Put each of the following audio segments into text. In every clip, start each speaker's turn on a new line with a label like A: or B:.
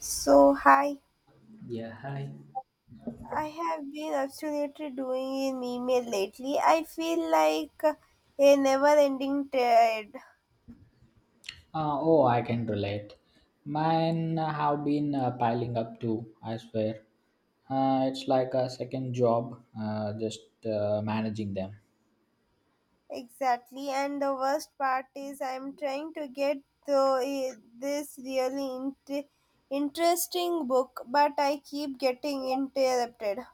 A: So, hi.
B: Yeah, hi.
A: I have been absolutely doing an email lately. I feel like a never ending thread.
B: Oh, I can relate. Mine have been piling up too, I swear. It's like a second job, just managing them.
A: Exactly. And the worst part is, I'm trying to get through this really interesting book, but I keep getting interrupted.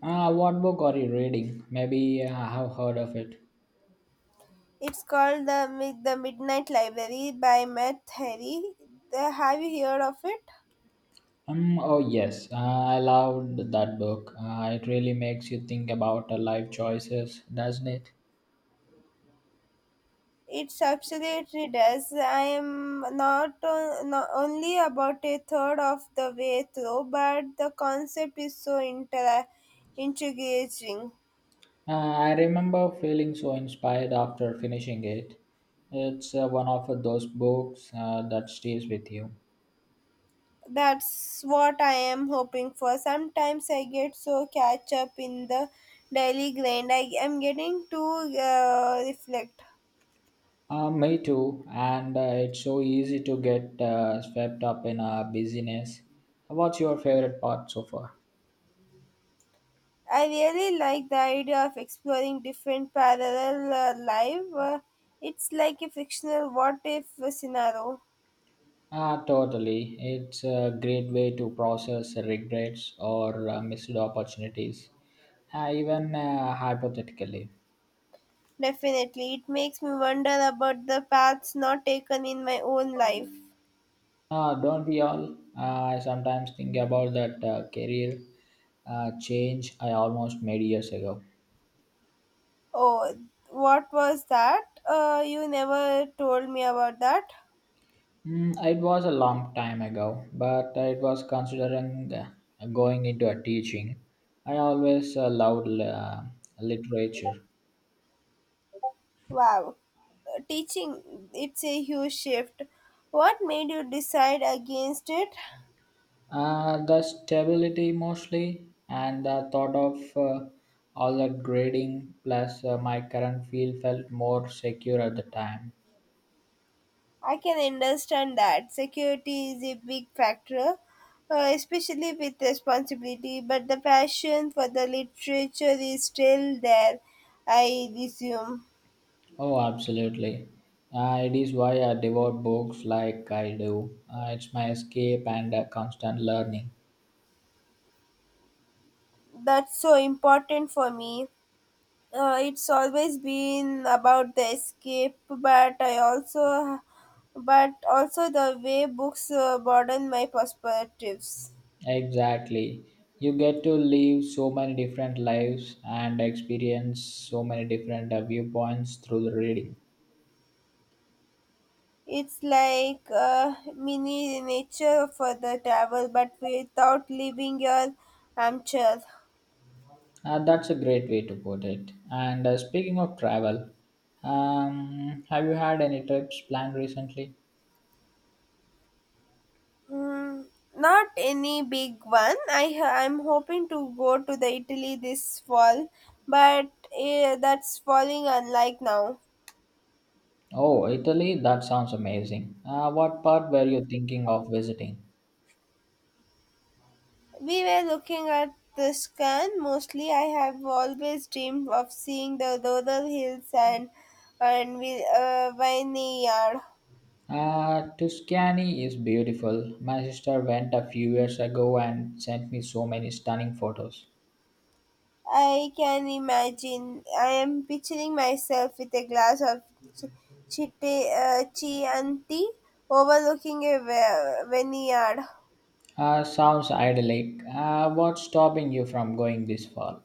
B: What book are you reading? Maybe I have heard of it.
A: It's called the Midnight Library by Matt Harry. Have you heard of it?
B: Oh, yes, I loved that book. It really makes you think about life choices, doesn't it?
A: It's absolutely does. I am not only about a third of the way through, but the concept is so intriguing.
B: I remember feeling so inspired after finishing it. It's one of those books that stays with you.
A: That's what I am hoping for. Sometimes I get so catch up in the daily grind. I am getting to reflect.
B: Me too, and it's so easy to get swept up in busyness. What's your favorite part so far?
A: I really like the idea of exploring different parallel life. It's like a fictional what if scenario.
B: Ah, totally. It's a great way to process regrets or missed opportunities, even hypothetically.
A: Definitely. It makes me wonder about the paths not taken in my own life.
B: Don't we all? I sometimes think about that career change I almost made years ago.
A: Oh, what was that? You never told me about that.
B: Mm, it was a long time ago, but I was considering going into a teaching. I always loved literature.
A: Wow. Teaching, it's a huge shift. What made you decide against it?
B: The stability mostly, and the thought of all that grading plus my current field felt more secure at the time.
A: I can understand that. Security is a big factor, especially with responsibility, but the passion for the literature is still there, I resume.
B: Oh, absolutely. It is why I devour books like I do. It's my escape and constant learning.
A: That's so important for me. It's always been about the escape, but also the way books broaden my perspectives.
B: Exactly. You get to live so many different lives and experience so many different viewpoints through the reading.
A: It's like a mini nature for the travel, but without leaving your armchair.
B: That's a great way to put it. And speaking of travel, have you had any trips planned recently?
A: Mm, Not any big one. I'm hoping to go to the Italy this fall, but that's falling unlike now.
B: Oh, Italy, that sounds amazing. What part were you thinking of visiting?
A: We were looking at the scan mostly. I have always dreamed of seeing the Dodal Hills and vineyard.
B: Tuscany is beautiful. My sister went a few years ago and sent me so many stunning photos.
A: I can imagine. I am picturing myself with a glass of ch- chite, chianti overlooking a vineyard.
B: Sounds idyllic. What's stopping you from going this fall?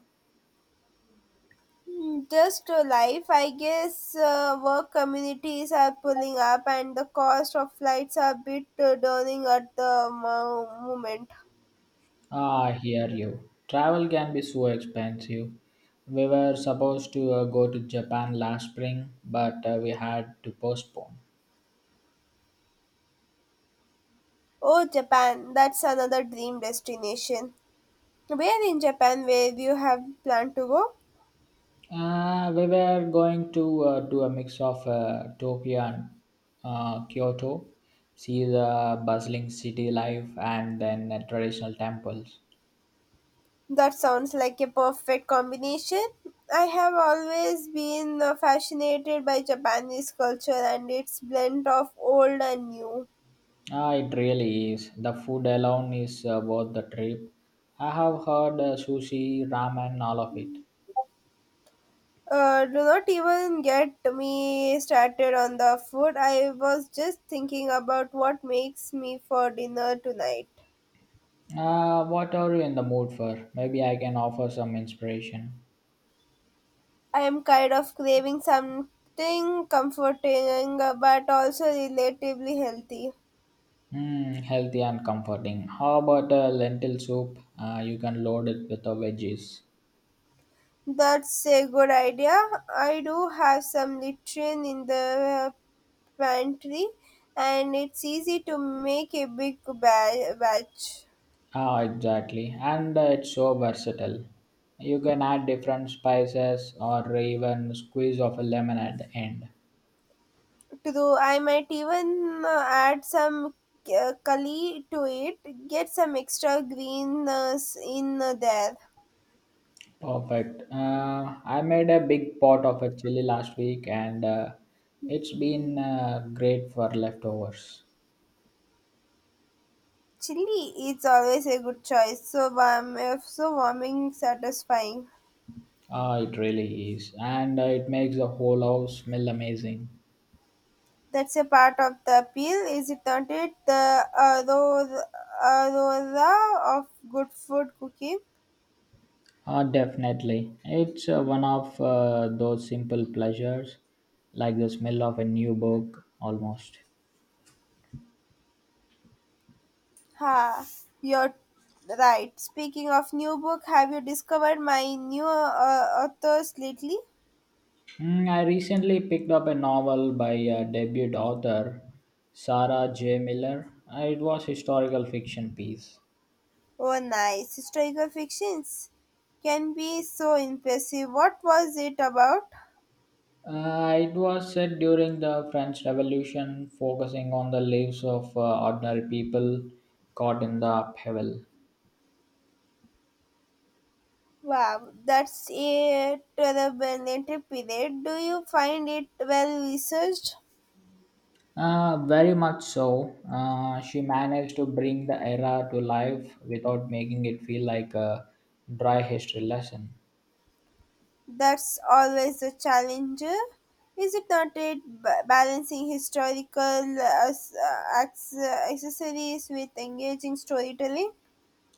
A: Just a life, I guess. Work communities are pulling up, and the cost of flights are a bit daunting at the moment.
B: Ah, I hear you. Travel can be so expensive. We were supposed to go to Japan last spring, but we had to postpone.
A: Oh, Japan, that's another dream destination. Where in Japan where you have planned to go?
B: We were going to do a mix of Tokyo and Kyoto, see the bustling city life, and then traditional temples.
A: That sounds like a perfect combination. I have always been fascinated by Japanese culture and its blend of old and new.
B: Ah, it really is. The food alone is worth the trip. I have heard sushi, ramen, all of it.
A: Do not even get me started on the food. I was just thinking about what makes me for dinner tonight.
B: What are you in the mood for? Maybe I can offer some inspiration.
A: I'm kind of craving something comforting but also relatively healthy.
B: Hmm, healthy and comforting. How about a lentil soup? You can load it with the veggies.
A: That's a good idea. I do have some Litrian in the pantry and it's easy to make a big batch.
B: Ah, exactly. And it's so versatile. You can add different spices or even squeeze of a lemon at the end.
A: Though I might even add some kali to it, get some extra green in there.
B: Perfect. I made a big pot of a chili last week and it's been great for leftovers.
A: Chili is always a good choice, so warming, satisfying.
B: It really is. And it makes the whole house smell amazing.
A: That's a part of the appeal, is it not? It the aroma of good food cooking.
B: Definitely. It's one of those simple pleasures, like the smell of a new book almost.
A: Ha, you're right. Speaking of new book, have you discovered my new authors lately?
B: Mm, I recently picked up a novel by a debut author, Sarah J. Miller. It was historical fiction piece.
A: Oh, nice historical fictions can be so impressive. What was it about?
B: It was set during the French Revolution, focusing on the lives of ordinary people caught in the upheaval.
A: Wow, that's a turbulent period. Do you find it well researched?
B: Very much so. She managed to bring the era to life without making it feel like a dry history lesson.
A: That's always a challenge. Is it not it balancing historical accessories with engaging storytelling?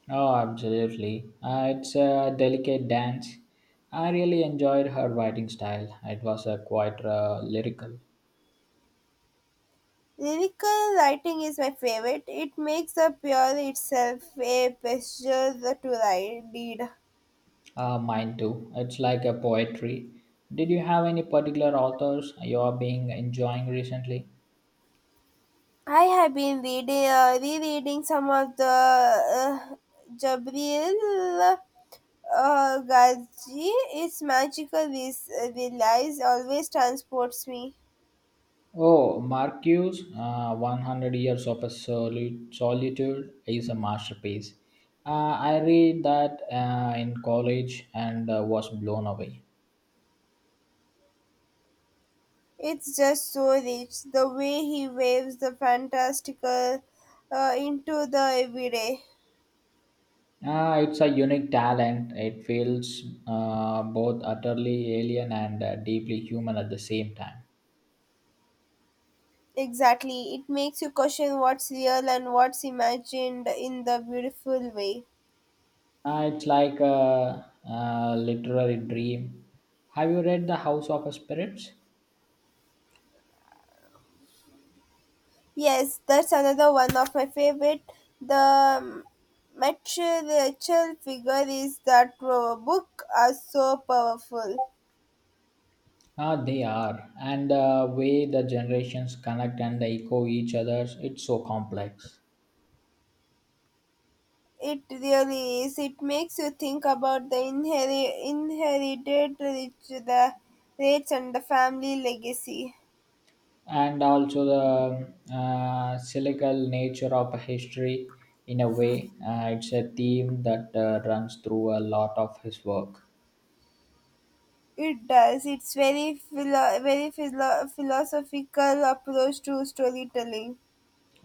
B: Oh, absolutely. It's a delicate dance. I really enjoyed her writing style. It was quite lyrical.
A: Lyrical writing is my favorite. It makes the pure itself a pleasure to write, read.
B: Mine too. It's like a poetry. Did you have any particular authors you are being enjoying recently?
A: I have been rereading some of the uh, Jabril Gaji, it's magical. This relies always transports me.
B: Oh, Marcuse, 100 Years of a Solitude is a masterpiece. I read that in college and was blown away.
A: It's just so rich. The way he waves the fantastical into the everyday.
B: It's a unique talent. It feels both utterly alien and deeply human at the same time.
A: Exactly. It makes you question what's real and what's imagined in the beautiful way.
B: It's like a literary dream. Have you read The House of Spirits?
A: Yes, that's another one of my favorite. The material figure is that book are so powerful.
B: Ah, they are. And the way the generations connect and they echo each other, it's so complex.
A: It really is. It makes you think about the inherited rich, the rates, and the family legacy.
B: And also the cyclical nature of history, in a way, it's a theme that runs through a lot of his work.
A: It does. It's philosophical approach to storytelling.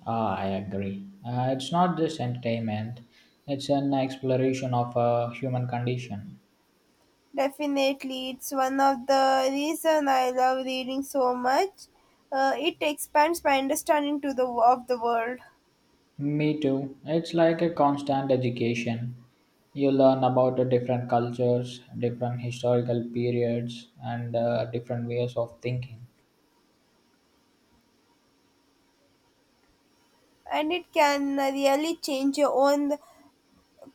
B: Ah, I agree. It's not just entertainment, it's an exploration of a human condition.
A: Definitely, it's one of the reason I love reading so much. It expands my understanding to the of the world,
B: Me too. It's like a constant education. You learn about the different cultures, different historical periods, and different ways of thinking.
A: and it can really change your own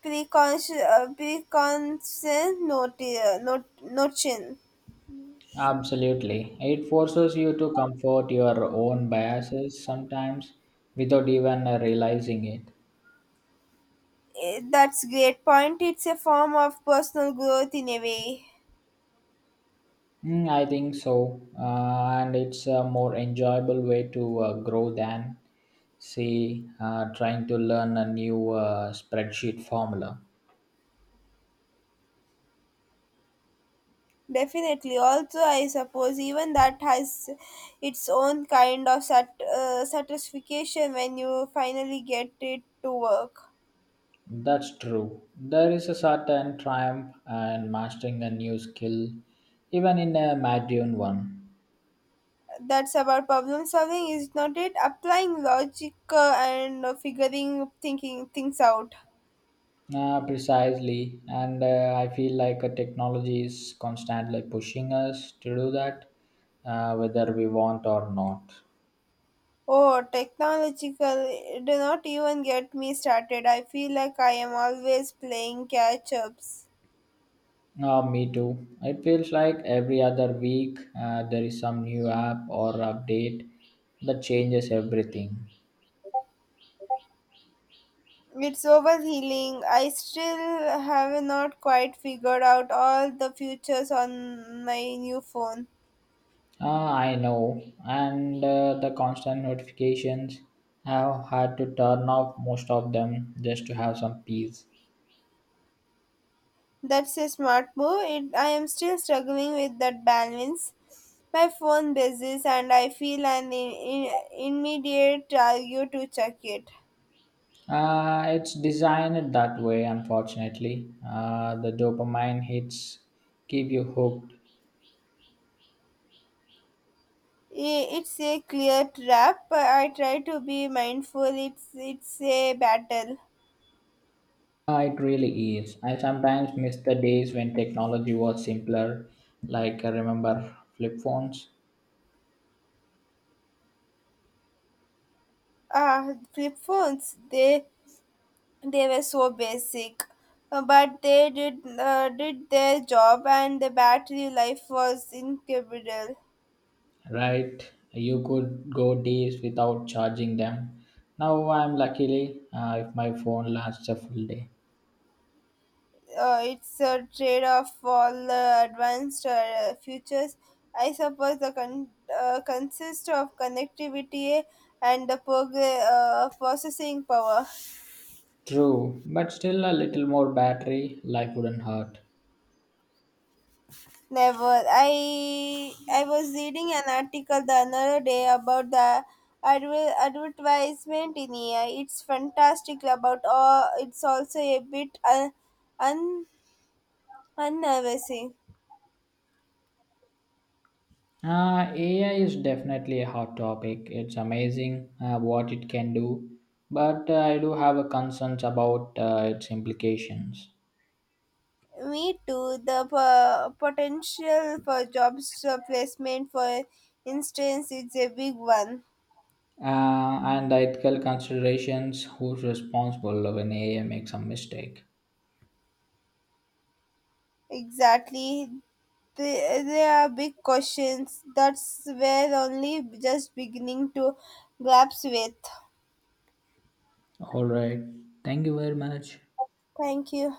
A: preconscious notion.
B: Absolutely. It forces you to comfort your own biases sometimes without even realizing it.
A: That's great point. It's a form of personal growth in a way.
B: Mm, I think so. And it's a more enjoyable way to grow than, say, trying to learn a new spreadsheet formula.
A: Definitely. Also, I suppose even that has its own kind of satisfaction when you finally get it to work.
B: That's true. There is a certain triumph in mastering a new skill, even in a mundane one.
A: That's about problem solving, is not it? Applying logic and figuring thinking things out.
B: Ah, precisely, and I feel like technology is constantly pushing us to do that, whether we want or not.
A: Oh, technological, do not even get me started. I feel like I am always playing catch ups.
B: Ah, me too. It feels like every other week there is some new app or update that changes everything.
A: It's overhealing. I still have not quite figured out all the features on my new phone.
B: Ah, I know, and the constant notifications have had to turn off most of them just to have some peace.
A: That's a smart move. I am still struggling with that balance. My phone buzzes and I feel an immediate urge to check it.
B: It's designed that way, unfortunately. The dopamine hits keep you hooked.
A: It's a clear trap. I try to be mindful. It's a battle.
B: It really is. I sometimes miss the days when technology was simpler, like I remember flip phones.
A: Ah, flip phones. They were so basic. But they did their job, and the battery life was incredible.
B: Right? You could go days without charging them. Now I'm luckily if my phone lasts a full day.
A: It's a trade off for advanced futures. I suppose the consist of connectivity and the processing power.
B: True, but still a little more battery life wouldn't hurt.
A: Never. I was reading an article the another day about the advertisement in AI. It's fantastic about all. It's also a bit un unnerving.
B: AI is definitely a hot topic. It's amazing what it can do, but I do have a concerns about its implications
A: Me too. The potential for jobs placement, for instance, it's a big one.
B: uh, and the ethical considerations. Who's responsible when AI makes a mistake?
A: Exactly. They are big questions. That's where only just beginning to grasp with.
B: All right. Thank you very much.
A: Thank you.